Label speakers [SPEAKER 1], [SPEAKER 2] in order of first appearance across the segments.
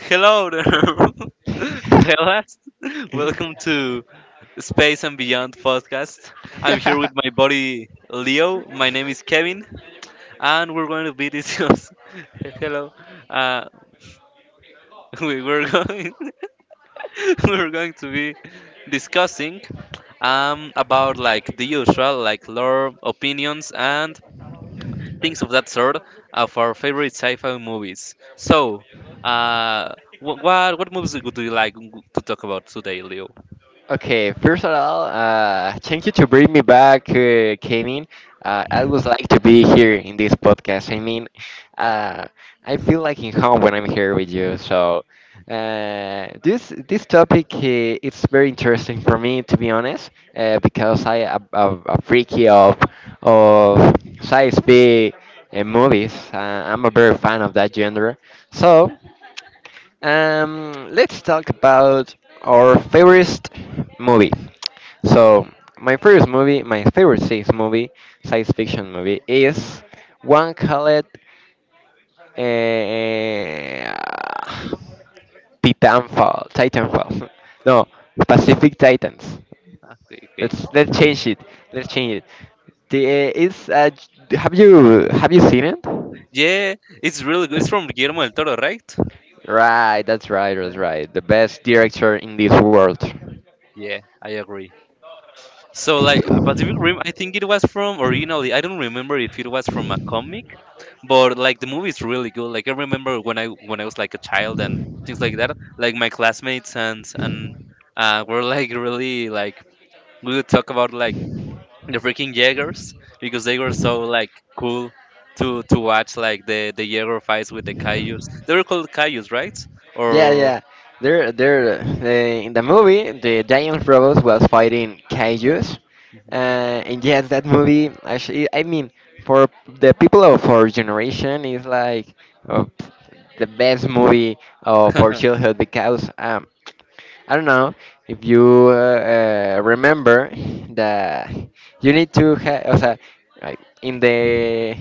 [SPEAKER 1] Hello there, fellas. Welcome to Space and Beyond podcast. I'm here with my buddy Leo. My name is Kevin, and we're going to be discuss. Hello. Uh, we were going. We're going to be discussing about the usual lore opinions and things of that sort of our favorite sci-fi movies. So, uh, what movies would you like to talk about today, Leo?
[SPEAKER 2] Okay, first of all, thank you to bring me back, Kevin. I would like to be here in this podcast. I mean, uh, I feel like in home when I'm here with you. So, this topic it's very interesting for me, to be honest, because I am a freaky of of sci fi movies. I'm a very fan of that genre. So. Let's talk about our favorite movie. So, my favorite movie, my favorite science movie, science fiction movie, is one called eh, Titanfall. Titanfall. No, Pacific Titans.
[SPEAKER 1] Okay, okay.
[SPEAKER 2] Let's change it. Let's change it. The, eh, it's j- Have you seen it?
[SPEAKER 1] Yeah, it's really good. It's from Guillermo del Toro, right?
[SPEAKER 2] Right, that's right, that's
[SPEAKER 1] Right.
[SPEAKER 2] right. The best director in this world.
[SPEAKER 1] Yeah, I agree. So, Pacific Rim, I think it was from originally. I don't remember if it was from a comic, but like the movie is really good. Like I remember when I was like a child and things like that. Like my classmates and were like really like we would talk about like the freaking Jaegers because they were so like cool to watch like the Jaeger fights with the Kaijus. They were called Kaijus, right?
[SPEAKER 2] Yeah,
[SPEAKER 1] Or
[SPEAKER 2] yeah. There, there. In the movie, the giant robot was fighting kaijus, and yes, that movie. Actually, I mean, for the people of our generation, is like uh, the best movie of our childhood because I don't know if you remember that you need to have, o sea, like, in the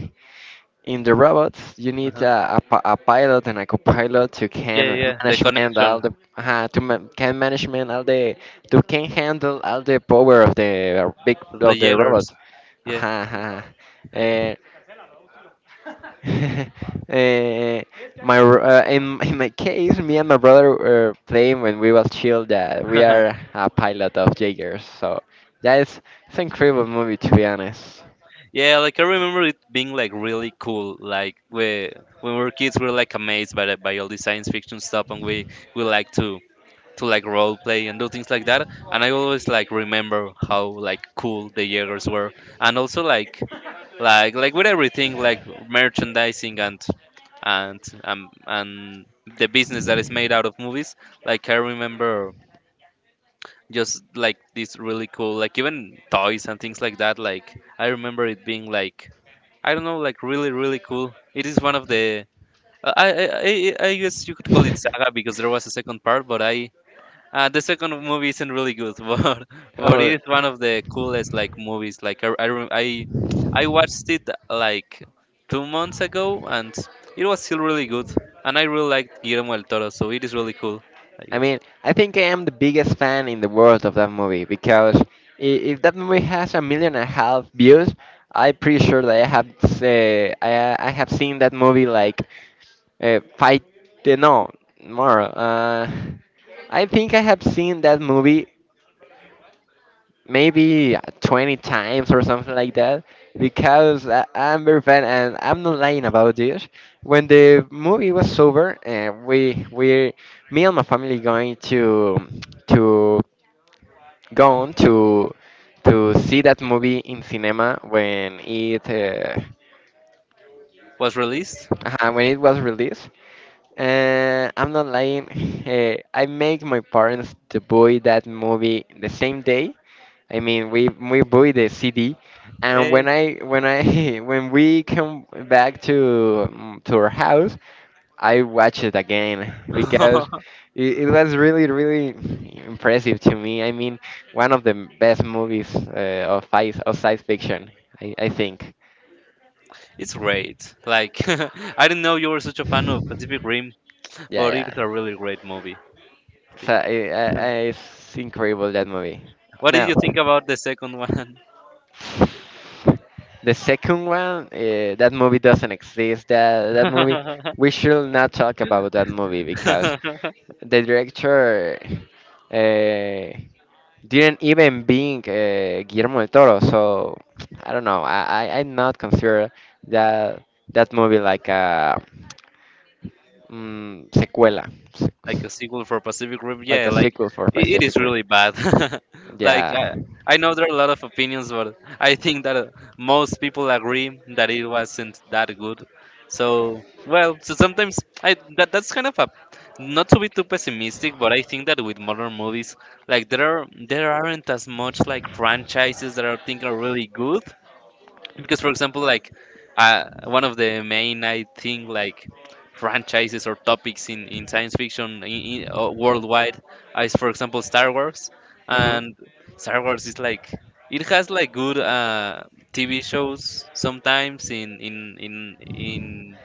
[SPEAKER 2] in the robots, you need
[SPEAKER 1] Uh-huh.
[SPEAKER 2] a pilot and a copilot to
[SPEAKER 1] yeah,
[SPEAKER 2] can
[SPEAKER 1] yeah, the
[SPEAKER 2] management
[SPEAKER 1] connection
[SPEAKER 2] all the can management all the to can handle all the power of the big
[SPEAKER 1] of the
[SPEAKER 2] of the
[SPEAKER 1] Jaegers.
[SPEAKER 2] robot.
[SPEAKER 1] Yeah.
[SPEAKER 2] Uh, uh, Eh, in my case, me and my brother were playing when we was chill that we are a pilot of Jaegers. So yeah, it's an incredible movie, to be honest.
[SPEAKER 1] yeah, like I remember it being like really cool. Like we when we were kids, we were like amazed by by all the science fiction stuff, and we like to like role play and do things like that. And I always like remember how like cool the Jaegers were, and also like with everything like merchandising and the business that is made out of movies. Like I remember just like this really cool like even toys and things like that. Like I remember it being like I don't know like really really cool. It is one of the I, I I I guess you could call it saga because there was a second part, but I the second movie isn't really good, but it
[SPEAKER 2] or
[SPEAKER 1] is one of the coolest like movies. I watched it like 2 months ago, and it was still really good. And I really liked Guillermo del Toro, so it is really cool. I
[SPEAKER 2] I
[SPEAKER 1] guess
[SPEAKER 2] mean, I think I am the biggest fan in the world of that movie because if that movie has a million and a half views, I'm pretty sure that I have seen that movie like five, no, more. I think I have seen that movie maybe 20 times or something like that because I'm very fan and I'm not lying about this. When the movie was over, we me and my family going to go on to see that movie in cinema
[SPEAKER 1] was released.
[SPEAKER 2] when it was released. I'm not lying. I make my parents to buy that movie the same day. I mean, we buy the CD, and
[SPEAKER 1] eh,
[SPEAKER 2] when I when we come back to our house, I watch it again because it was really really impressive to me. I mean, one of the best movies of science fiction, I think.
[SPEAKER 1] it's great. Like I didn't know you were such a fan of Pacific Rim,
[SPEAKER 2] Yeah,
[SPEAKER 1] but it is
[SPEAKER 2] yeah.
[SPEAKER 1] a really great movie. I
[SPEAKER 2] So
[SPEAKER 1] think.
[SPEAKER 2] it's incredible that movie.
[SPEAKER 1] What did
[SPEAKER 2] No.
[SPEAKER 1] you think about the second one?
[SPEAKER 2] The second one, that movie doesn't exist. That movie, we should not talk about that movie because the director uh, didn't even being Guillermo del Toro. So I don't know. I not consider that that movie like a mm, sequela, se-
[SPEAKER 1] like a sequel for Pacific Rim.
[SPEAKER 2] like
[SPEAKER 1] Yeah,
[SPEAKER 2] a
[SPEAKER 1] like
[SPEAKER 2] sequel for
[SPEAKER 1] it is
[SPEAKER 2] Pacific Rim.
[SPEAKER 1] really bad. like
[SPEAKER 2] Yeah.
[SPEAKER 1] I know there are a lot of opinions, but I think that most people agree that it wasn't that good. So well, so sometimes I that that's kind of a not to be too pessimistic, but I think that with modern movies, like there aren't as much like franchises that I think are really good because for example like one of the main I think like franchises or topics in science fiction in worldwide is for example Star Wars
[SPEAKER 2] Hmm.
[SPEAKER 1] and Star Wars is like it has like good TV shows sometimes in in in, in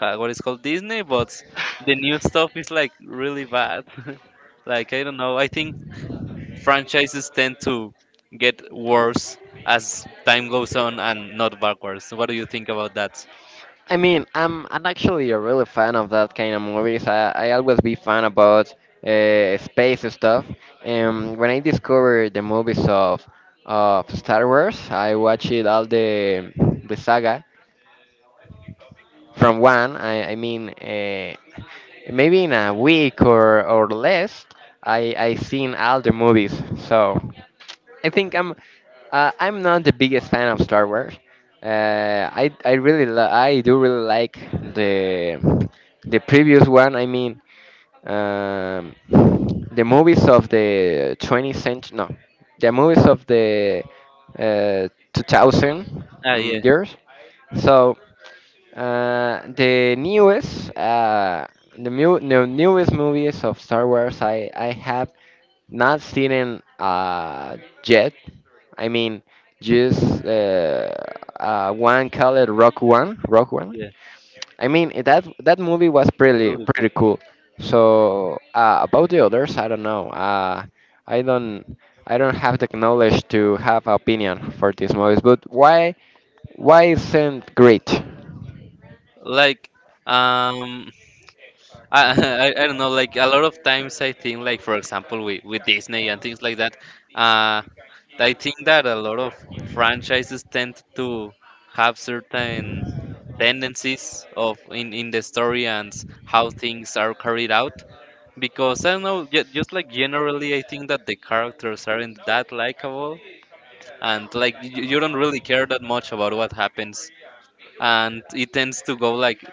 [SPEAKER 1] uh, what is called Disney, but the new stuff is like really bad. Like I don't know, I think franchises tend to get worse as time goes on and not backwards. What do you think about that?
[SPEAKER 2] I mean, I'm actually a really fan of that kind of movies. I always be fan about space stuff. And when I discovered the movies of Star Wars, I watched it all the saga, from one, I mean, maybe in a week or less, I seen all the movies. So I think I'm not the biggest fan of Star Wars. Uh, I do really like the previous one. I mean, um, the movies of the 20th century. No, the movies of the uh, 2000
[SPEAKER 1] Ah, yeah,
[SPEAKER 2] years. So the newest, the newest movies of Star Wars, I have not seen it yet. I mean, just one called Rock One, Rock One.
[SPEAKER 1] yeah,
[SPEAKER 2] I mean, that that movie was
[SPEAKER 1] that's
[SPEAKER 2] pretty
[SPEAKER 1] really good.
[SPEAKER 2] pretty cool. So about the others, I don't know. I don't I don't have the knowledge to have opinion for these movies. But why isn't great?
[SPEAKER 1] Like, um, I don't know. Like a lot of times, I think, like for example, with Disney and things like that, uh, I think that a lot of franchises tend to have certain tendencies of in the story and how things are carried out because I don't know, just like generally, I think that the characters aren't that likable, and like you don't really care that much about what happens, and it tends to go like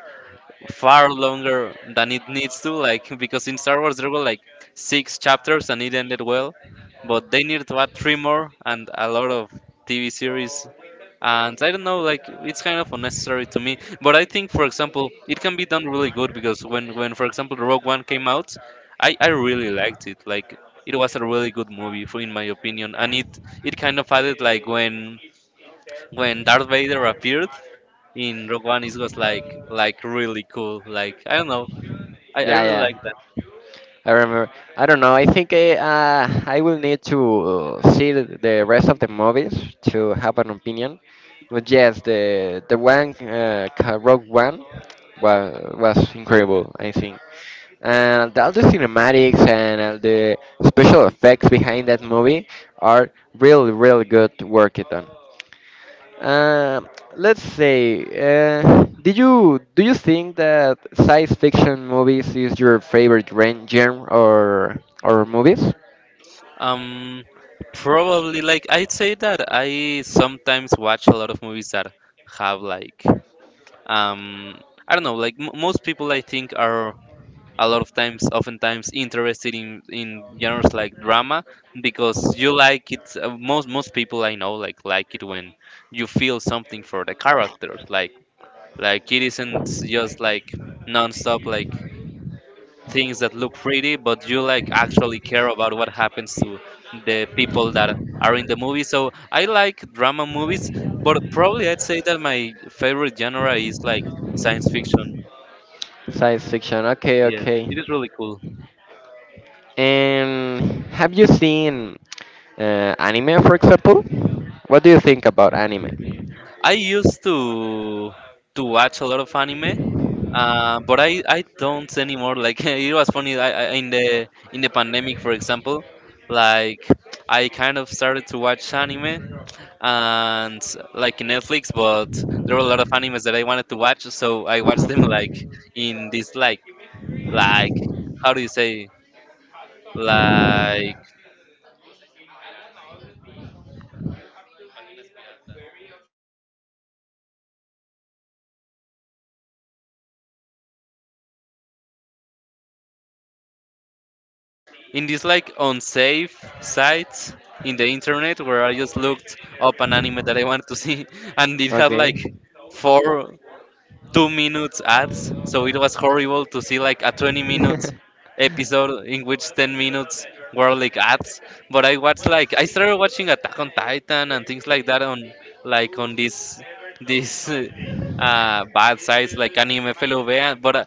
[SPEAKER 1] far longer than it needs to, like because in Star Wars there were like six chapters and it ended well, but they needed to add three more and a lot of TV series. And I don't know, like it's kind of unnecessary to me, but I think for example it can be done really good, because when for example the Rogue One came out, I really liked it. Like it was a really good movie for, in my opinion, and it kind of added like when darth vader appeared in rogue One, it was like really cool. Like I don't know, I
[SPEAKER 2] Yeah,
[SPEAKER 1] really like
[SPEAKER 2] yeah.
[SPEAKER 1] that.
[SPEAKER 2] I remember. I don't know. I think I will need to see the rest of the movies to have an opinion. But yes, the one Rogue One was incredible. I think, and all the cinematics and all the special effects behind that movie are really, really good work it on. Uh, let's say, do you think that science fiction movies is your favorite genre or movies?
[SPEAKER 1] um Probably like I'd say that I sometimes watch a lot of movies that have like um I don't know, like most people I think are a lot of times oftentimes interested in genres like drama because you like it. Most people I know like it when you feel something for the characters, like it isn't just like non-stop like things that look pretty, but you like actually care about what happens to the people that are in the movie. So I like drama movies, but probably I'd say that my favorite genre is like science fiction.
[SPEAKER 2] Science fiction. Okay,
[SPEAKER 1] Yes, it
[SPEAKER 2] okay.
[SPEAKER 1] is really cool.
[SPEAKER 2] And have you seen anime, for example? What do you think about anime?
[SPEAKER 1] I used to watch a lot of anime, but I don't anymore. Like it was funny in the pandemic, for example, like I kind of started to watch anime and like in Netflix, but there were a lot of animes that I wanted to watch, so I watched them like in this like how do you say like in this like unsafe sites in the internet, where I just looked up an anime that I wanted to see, and it had like
[SPEAKER 2] Okay.
[SPEAKER 1] 4 2 minutes ads. So it was horrible to see like a 20 minutes episode in which 10 minutes were like ads. But I watched like I started watching Attack on Titan and things like that on like on this this bad sites like Anime FLV.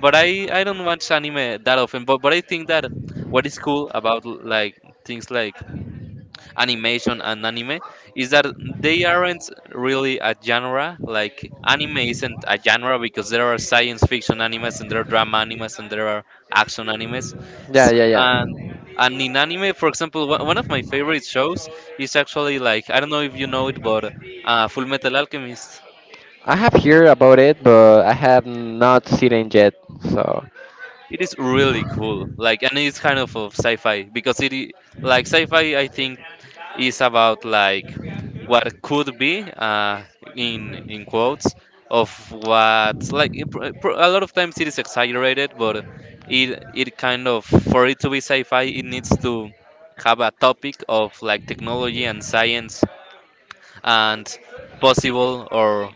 [SPEAKER 1] But I don't watch anime that often. But I think that what is cool about like things like animation and anime is that they aren't really a genre. Like anime isn't a genre because there are science fiction animes, and there are drama animes, and there are action animes.
[SPEAKER 2] Yeah,
[SPEAKER 1] S-
[SPEAKER 2] yeah, yeah.
[SPEAKER 1] And and in anime, for example, one of my favorite shows is actually like, I don't know if you know it, but Full Metal Alchemist.
[SPEAKER 2] I have heard about it, but I have not seen it yet. So.
[SPEAKER 1] It is really cool. Like, and it's kind of sci-fi because like, sci-fi, I think, is about like what could be, in quotes, of what like a lot of times it is exaggerated, but it kind of, for it to be sci-fi, it needs to have a topic of like technology and science and possible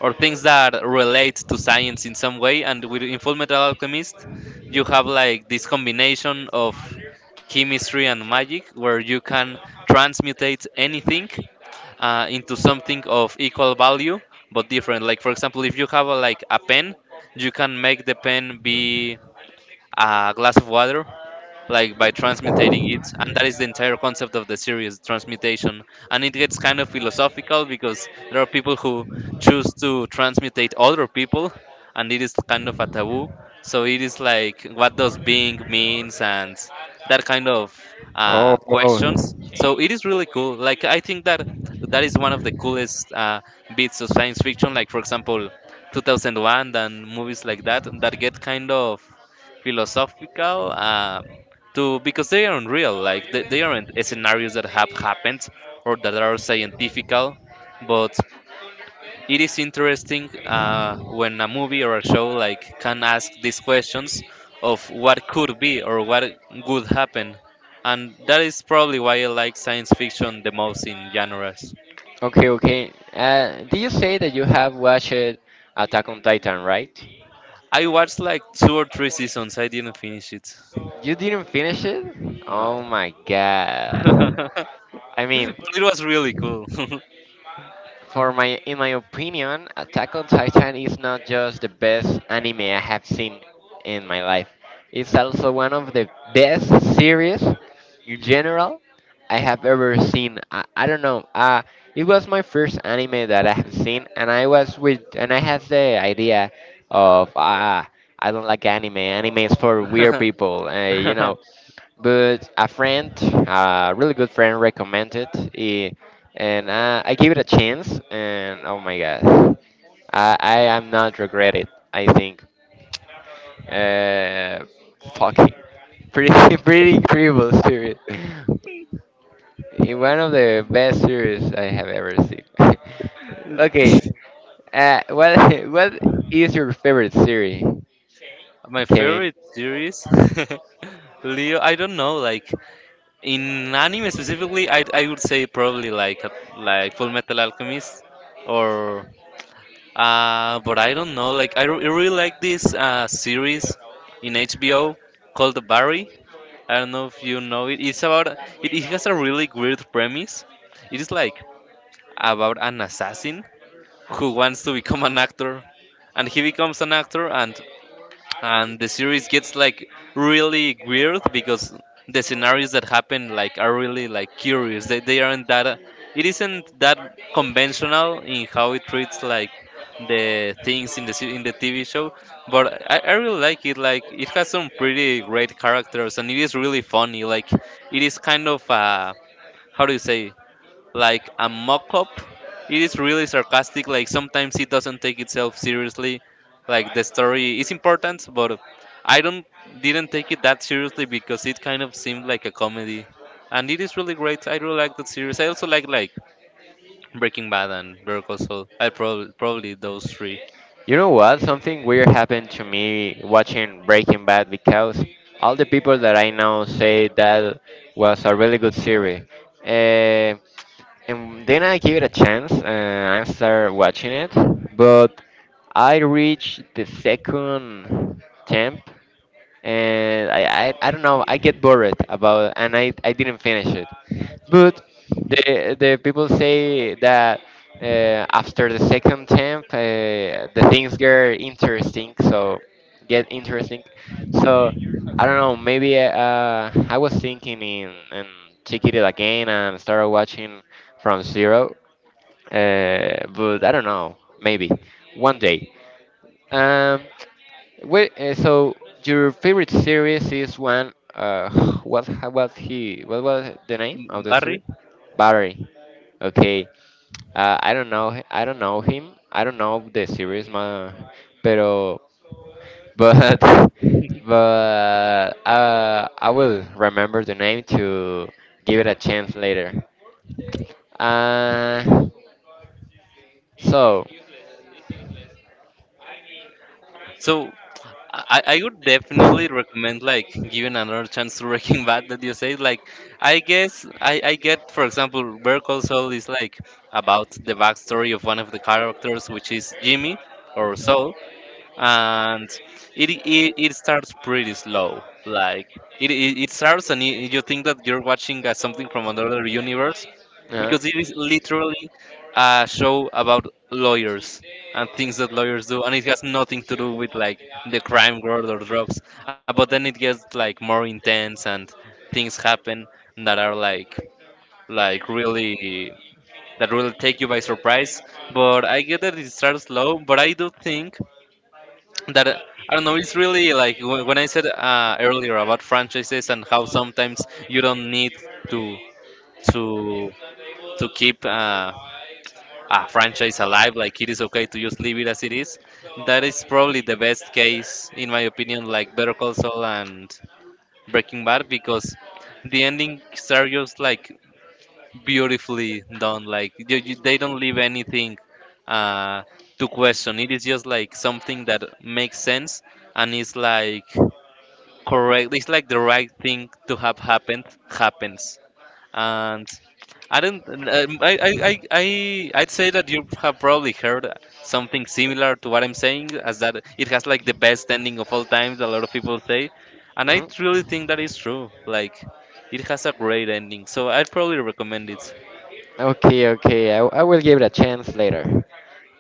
[SPEAKER 1] or things that relate to science in some way. And with in Fullmetal Alchemist, you have like this combination of chemistry and magic where you can transmutate anything into something of equal value but different. Like for example, if you have a, like a pen, you can make the pen be a glass of water like by transmutating it, and that is the entire concept of the series, transmutation. And it gets kind of philosophical because there are people who choose to transmutate other people, and it is kind of a taboo. So it is like, what does being means? And that kind of
[SPEAKER 2] Oh, wow.
[SPEAKER 1] questions. So it is really cool. Like I think that that is one of the coolest bits of science fiction, like for example 2001 and movies like that that get kind of philosophical to, because they aren't real like they aren't scenarios that have happened or that are scientifical, but it is interesting when a movie or a show like can ask these questions of what could be or what would happen. And that is probably why I like science fiction the most in genres.
[SPEAKER 2] Okay, okay. Did you say that you have watched Attack on Titan, right?
[SPEAKER 1] I watched like two or three seasons, I didn't finish it.
[SPEAKER 2] You didn't finish it? Oh
[SPEAKER 1] No.
[SPEAKER 2] my god.
[SPEAKER 1] But
[SPEAKER 2] I mean,
[SPEAKER 1] it was really cool.
[SPEAKER 2] In my opinion, Attack on Titan is not just the best anime I have seen in my life. It's also one of the best series in general I have ever seen. I don't know. It was my first anime that I have seen, and and I had the idea of, I don't like anime. Anime is for weird people. But a friend, a really good friend, recommended it, and I gave it a chance. And oh my god, I am not regret it. I think, uh, fucking, pretty pretty incredible series. One of the best series I have ever seen. Okay, what what is your favorite series,
[SPEAKER 1] My
[SPEAKER 2] Kevin?
[SPEAKER 1] favorite series, Leo. I don't know. Like in anime specifically, I would say probably like like Full Metal Alchemist, or but I don't know. Like really like this series in HBO called The Barry. I don't know if you know it. It's about it has a really weird premise. It is like about an assassin who wants to become an actor, and he becomes an actor, and the series gets like really weird because the scenarios that happen like are really like curious. They aren't that— it isn't that conventional in how it treats like the things in the in the TV show. But I really like it. Like it has some pretty great characters and it is really funny. Like it is kind of how do you say, like a mock up. It is really sarcastic, like sometimes it doesn't take itself seriously. Like the story is important, but I don't— didn't take it that seriously because it kind of seemed like a comedy. And it is really great. I really like that series. I also like Breaking Bad and Better Call Saul. I probably those three.
[SPEAKER 2] You know what? Something weird happened to me watching Breaking Bad because all the people that I know say that was a really good series. Uh, and then I give it a chance and I start watching it, but I reached the second temp and I don't know. I get bored about, and I didn't finish it. But the people say that after the second temp, the things get interesting. So get interesting. So I don't know. Maybe I was thinking in and check it again and start watching from zero, but I don't know. Maybe one day, um, Wait, so your favorite series is one? Was he? What was the name of the series?
[SPEAKER 1] Barry.
[SPEAKER 2] Barry. Okay. I don't know. I don't know him. I don't know the series, ma. Pero, but, but I will remember the name to give it a chance later. Uh, so
[SPEAKER 1] So I would definitely recommend like giving another chance to Breaking Bad. That you say like I guess I get, for example, Better Call Saul is like about the backstory of one of the characters, which is Jimmy or Saul. And it starts pretty slow. Like it starts and you think that you're watching something from another universe
[SPEAKER 2] Uh,
[SPEAKER 1] because it is literally a show about lawyers and things that lawyers do, and it has nothing to do with like the crime world or drugs. But then it gets like more intense and things happen that are like— like really— that will take you by surprise. But I get that it starts slow, but I do think that I don't know. It's really like when I said earlier about franchises and how sometimes you don't need to to to keep a franchise alive. Like it is okay to just leave it as it is. That is probably the best case in my opinion. Like Better Call Saul and Breaking Bad, because the endings are just like beautifully done. Like they don't leave anything uh, to question. It is just like something that makes sense, and it's like correct. It's like the right thing to have happened happens, and I don't. I'd say that you have probably heard something similar to what I'm saying, as that it has like the best ending of all times. A lot of people say, and I
[SPEAKER 2] Mhm.
[SPEAKER 1] really think that is true. Like, it has a great ending, so I'd probably recommend it.
[SPEAKER 2] Okay, okay. I will give it a chance later.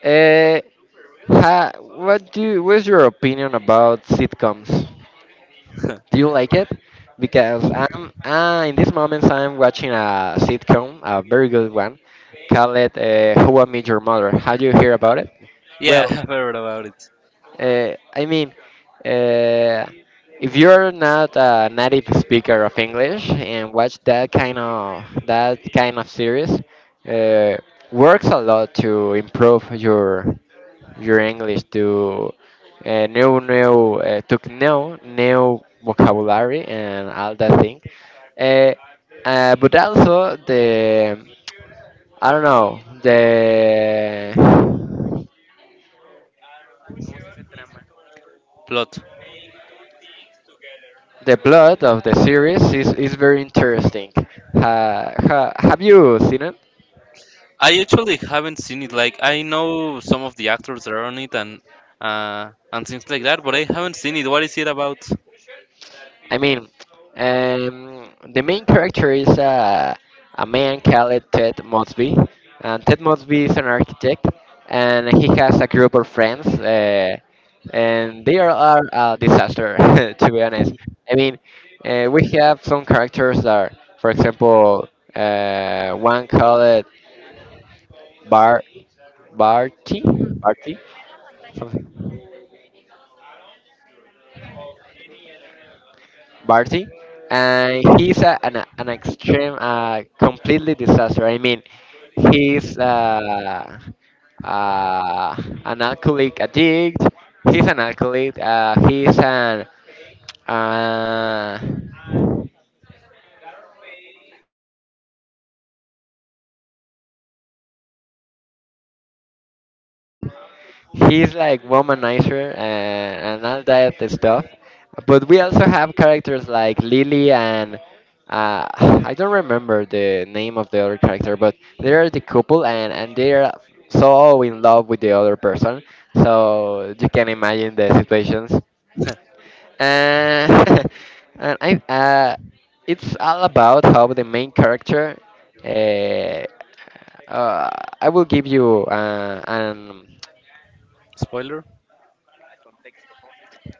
[SPEAKER 2] Uh, what's your opinion about sitcoms? Do you like it? Because I'm in these moments I'm watching a sitcom, a very good one, called it Who I Met Your Mother. Have you heard about it?
[SPEAKER 1] Yeah,
[SPEAKER 2] Well,
[SPEAKER 1] I've heard about it.
[SPEAKER 2] I mean, uh, if you're not a native speaker of English and watch that kind of series, uh, works a lot to improve your English to, new new to know new vocabulary and all that thing. Uh, but also the I don't know,
[SPEAKER 1] Plot.
[SPEAKER 2] the plot of the series is very interesting. Have you seen it?
[SPEAKER 1] I actually haven't seen it. Like I know some of the actors that are on it and things like that, but I haven't seen it. What is it about?
[SPEAKER 2] I mean, the main character is a man called Ted Mosby. And Ted Mosby is an architect, and he has a group of friends, and are a disaster, to be honest. I mean, we have some characters that are, for example, one called Bar Barty, Barty, Barty, and an extreme, completely disaster. I mean, he's an alcoholic addict. He's an alcoholic. Uh, he's like womanizer and all that stuff. But we also have characters like Lily and, I don't remember the name of the other character, but they are the couple and they are so in love with the other person. So you can imagine the situations. And I, uh, it's all about how the main character. Uh, uh, I will give you uh, an
[SPEAKER 1] Spoiler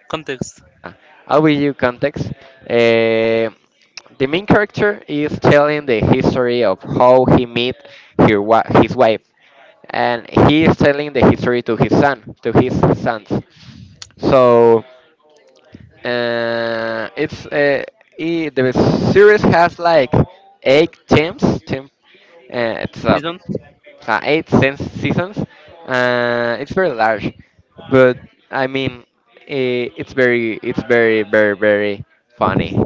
[SPEAKER 1] context.
[SPEAKER 2] I'll give you context. Eh, the main character is telling the history of how he met his wife, and he is telling the history to to his sons. So it's I the series has like eight teams. Team, it's a
[SPEAKER 1] Season.
[SPEAKER 2] eight seasons. It's very large. But I mean, it's very, very, very funny.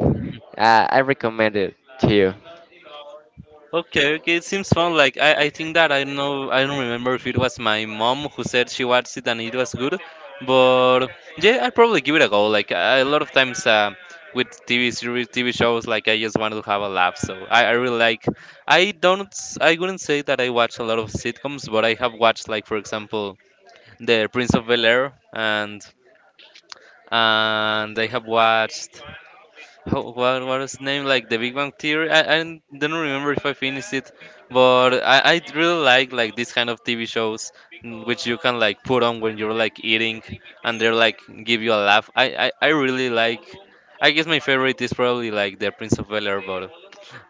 [SPEAKER 2] I recommend it to you.
[SPEAKER 1] Okay, okay, it seems fun. Like I think that I know— I don't remember if it was my mom who said she watched it and it was good, but yeah, I'd probably give it a go. Like I, a lot of times with TV series, TV shows, like I just want to have a laugh. So I really like. I don't. I wouldn't say that I watch a lot of sitcoms, but I have watched, like, for example, The Prince of Bel Air and I have watched how, what is name, like the Big Bang Theory? I don't remember if I finished it, but I really like this kind of TV shows, mm, which you can like put on when you're like eating and they're like give you a laugh. I really like. I guess my favorite is probably like The Prince of Bel Air,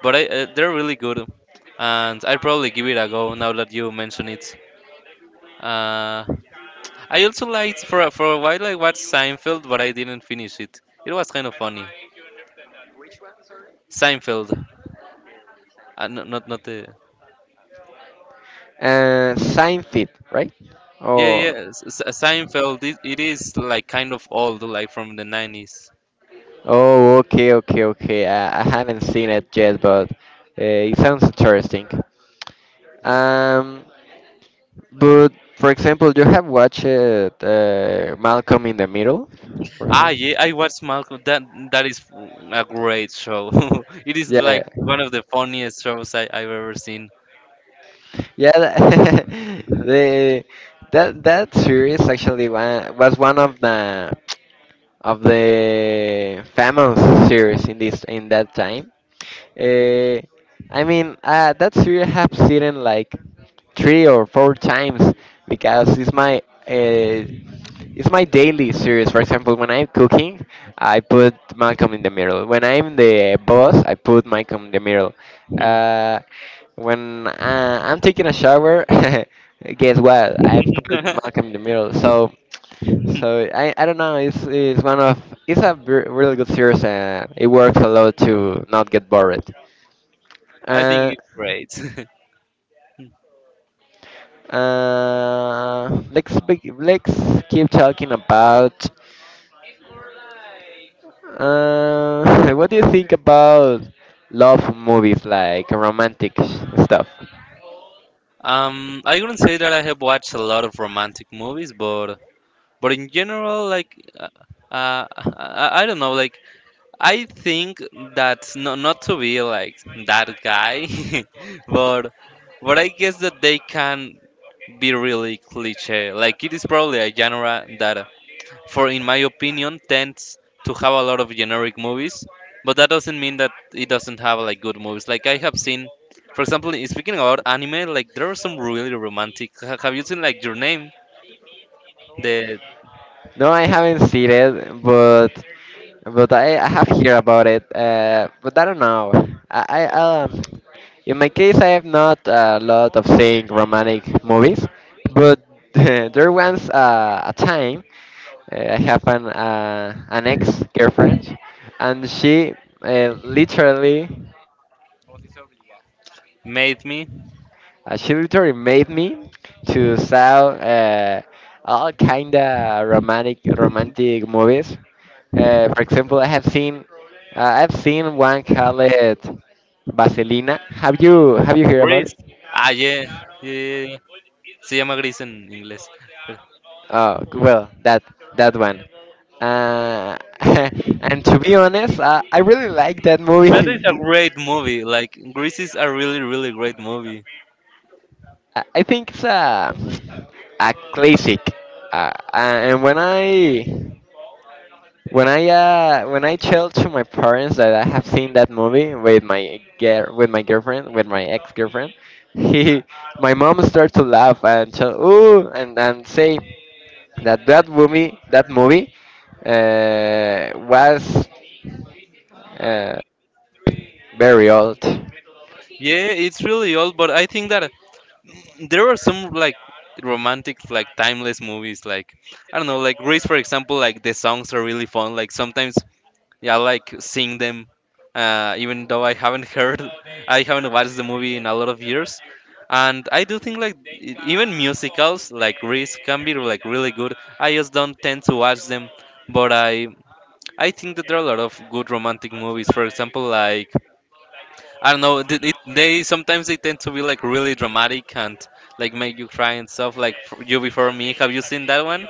[SPEAKER 1] but I, they're really good, and I'd probably give it a go now that you mention it. Uh, I also liked for for a while I watched Seinfeld, but I didn't finish it. It was kind of funny. Seinfeld. No, not the.
[SPEAKER 2] Seinfeld, right?
[SPEAKER 1] Yeah,
[SPEAKER 2] Oh,
[SPEAKER 1] yeah. Seinfeld. It is like kind of old, like from the 90s.
[SPEAKER 2] oh, okay, okay, okay. I haven't seen it yet, but it sounds interesting.
[SPEAKER 1] Yeah.
[SPEAKER 2] Um, but for example, you have watched Malcolm in the Middle, for
[SPEAKER 1] Ah,
[SPEAKER 2] example?
[SPEAKER 1] yeah. I watched Malcolm. That is a great show. It is
[SPEAKER 2] Yeah, yeah.
[SPEAKER 1] like one of the funniest shows I've ever seen.
[SPEAKER 2] Yeah,
[SPEAKER 1] Hmm.
[SPEAKER 2] the that that series actually was one of the famous series in this in that time. Uh, I mean, that series I have seen it like three or four times because uh, it's my daily series. For example, when I'm cooking, I put Malcolm in the Middle. When I'm the boss, I put Malcolm in the Middle. Uh, when I'm taking a shower, guess what? I put Malcolm in the Middle. So I don't know. It's one of it's a ver- really good series and it works a lot to not get bored.
[SPEAKER 1] I think
[SPEAKER 2] Uh,
[SPEAKER 1] it's great.
[SPEAKER 2] let's keep talking about. What do you think about love movies, like romantic stuff?
[SPEAKER 1] I wouldn't say that I have watched a lot of romantic movies, but in general, like, I don't know, like I think that's not to be like that guy, but but I guess that they can be really cliche. Like it is probably a genre that, for in my opinion, tends to have a lot of generic movies. But that doesn't mean that it doesn't have like good movies. Like I have seen, for example, speaking about anime, like there are some really romantic. Have you seen like Your Name? The
[SPEAKER 2] No, I haven't seen it, but I have heard about it, but I don't know. I In my case I have not a lot of seeing romantic movies, but there was a time, I have an ex girlfriend, and she literally,
[SPEAKER 1] Made Me.
[SPEAKER 2] actually, made me to saw all kind of romantic movies. For example, I've seen one called Vaselina. Have you heard about
[SPEAKER 1] Gris.
[SPEAKER 2] it?
[SPEAKER 1] Ah, yeah. Yeah, yeah, yeah. Se llama Gris en inglés. pero-
[SPEAKER 2] Oh well, that that one. Uh, and, to be honest, I really like that
[SPEAKER 1] That
[SPEAKER 2] movie.
[SPEAKER 1] is a great movie. Like, Grease is a really, really great movie.
[SPEAKER 2] I think it's a classic. And when I tell to my parents that I have seen that movie with my girl with my girlfriend, with my ex girlfriend, he my mom starts to laugh and tell ooh, and say that that movie was uh, very old.
[SPEAKER 1] Yeah, it's really old, but I think that there are some like romantic, like timeless movies. Like I don't know, like Grease, for example. Like the songs are really fun. Like sometimes yeah, I like seeing them. Even though I haven't heard, I haven't watched the movie in a lot of years, and I do think like even musicals like Grease can be like really good. I just don't tend to watch them, but I— I think that there are a lot of good romantic movies. For example, like I don't know, it, they sometimes they tend to be like really dramatic and like make you cry and stuff. Like You Before Me, have you seen that one?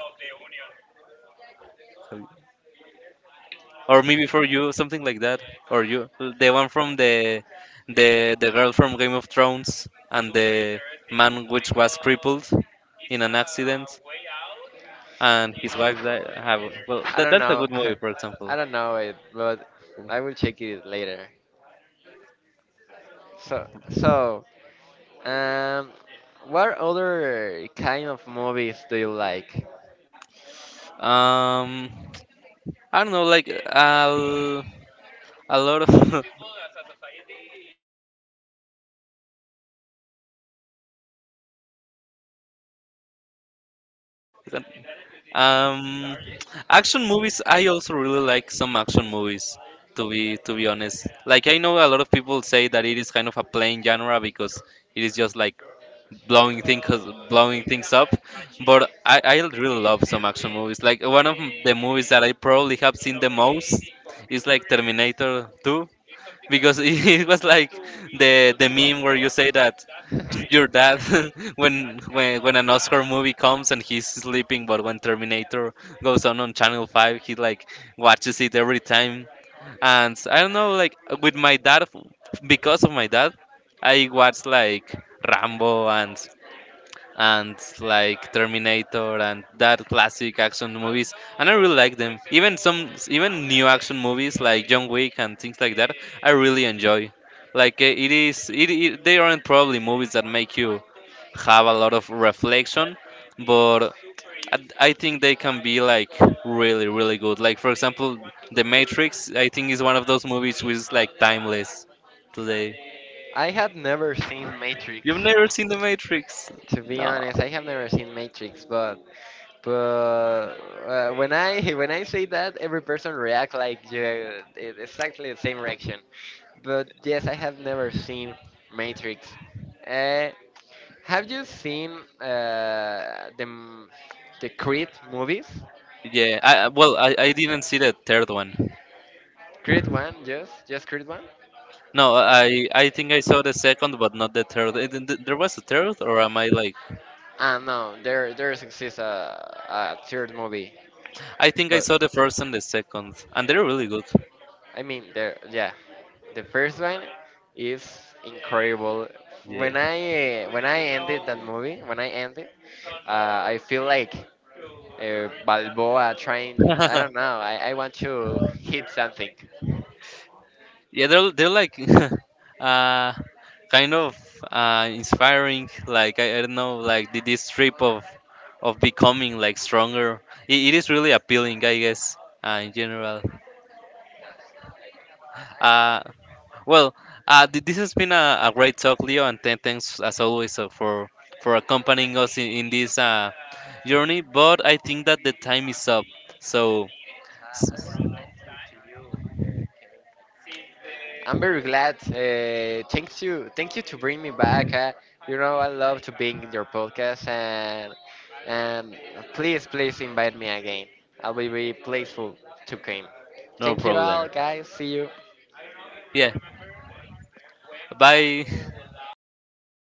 [SPEAKER 1] Or maybe for you something like that, or you the one from the the girl from Game of Thrones and the man which was crippled in an accident and his wife died have— well,
[SPEAKER 2] I
[SPEAKER 1] that,
[SPEAKER 2] don't
[SPEAKER 1] that's a
[SPEAKER 2] know.
[SPEAKER 1] good movie, for example.
[SPEAKER 2] I don't know it, but I will check it later. So, um what other kind of movies do you like?
[SPEAKER 1] Um, I don't know, like a lot of um, action movies. I also really like some action movies to be honest. Like I know a lot of people say that it is kind of a plain genre because it is just like blowing things— blowing things up. But I really love some action movies. Like one of the movies that I probably have seen the most is like Terminator 2 because it was like the meme where you say that your dad when an Oscar movie comes and he's sleeping, but when Terminator goes on Channel Five, he like watches it every time. And I don't know, like with my dad, because of my dad, I watched like Rambo and like Terminator and that classic action movies, and I really like them. Even some, even new action movies like John Wick and things like that, I really enjoy. Like eh, it is, it they aren't probably movies that make you have a lot of reflection, but I think they can be like really, really good. Like for example, The Matrix, I think is one of those movies which is like timeless today.
[SPEAKER 2] I had never seen Matrix.
[SPEAKER 1] You've never seen The Matrix?
[SPEAKER 2] To be
[SPEAKER 1] No.
[SPEAKER 2] honest, I have never seen Matrix, but when I when I say that, every person react like, yeah, exactly the same reaction. But yes, I have never seen Matrix. Uh, have you seen uh, the m- the Creed movies?
[SPEAKER 1] Yeah, well, I didn't see the third one.
[SPEAKER 2] Creed one, yes, just Creed one.
[SPEAKER 1] No, I— I think I saw the second, but not the third. Eh, there was a third, or am I like?
[SPEAKER 2] Ah no, there exists a third movie.
[SPEAKER 1] I think I
[SPEAKER 2] But
[SPEAKER 1] saw the first and the second, and they're really good.
[SPEAKER 2] I mean, the yeah, the first one is incredible.
[SPEAKER 1] Yeah.
[SPEAKER 2] When I ended that movie, when I ended, I feel like Balboa trying. I don't know. I want to hit something.
[SPEAKER 1] Yeah, they're like, uh, kind of inspiring. Like I don't know, like the, this trip of becoming like stronger. It is really appealing, I guess. In general. Uh, Well, this has been a great talk, Leo, and thanks as always for accompanying us in this journey. But I think that the time is up, so s-
[SPEAKER 2] I'm very glad. Thank you, thank you to bring me back. I love to being in your podcast, and please, please invite me again. I'll be very grateful to come.
[SPEAKER 1] no
[SPEAKER 2] Thank you all,
[SPEAKER 1] problem.
[SPEAKER 2] guys. See you.
[SPEAKER 1] Yeah, bye.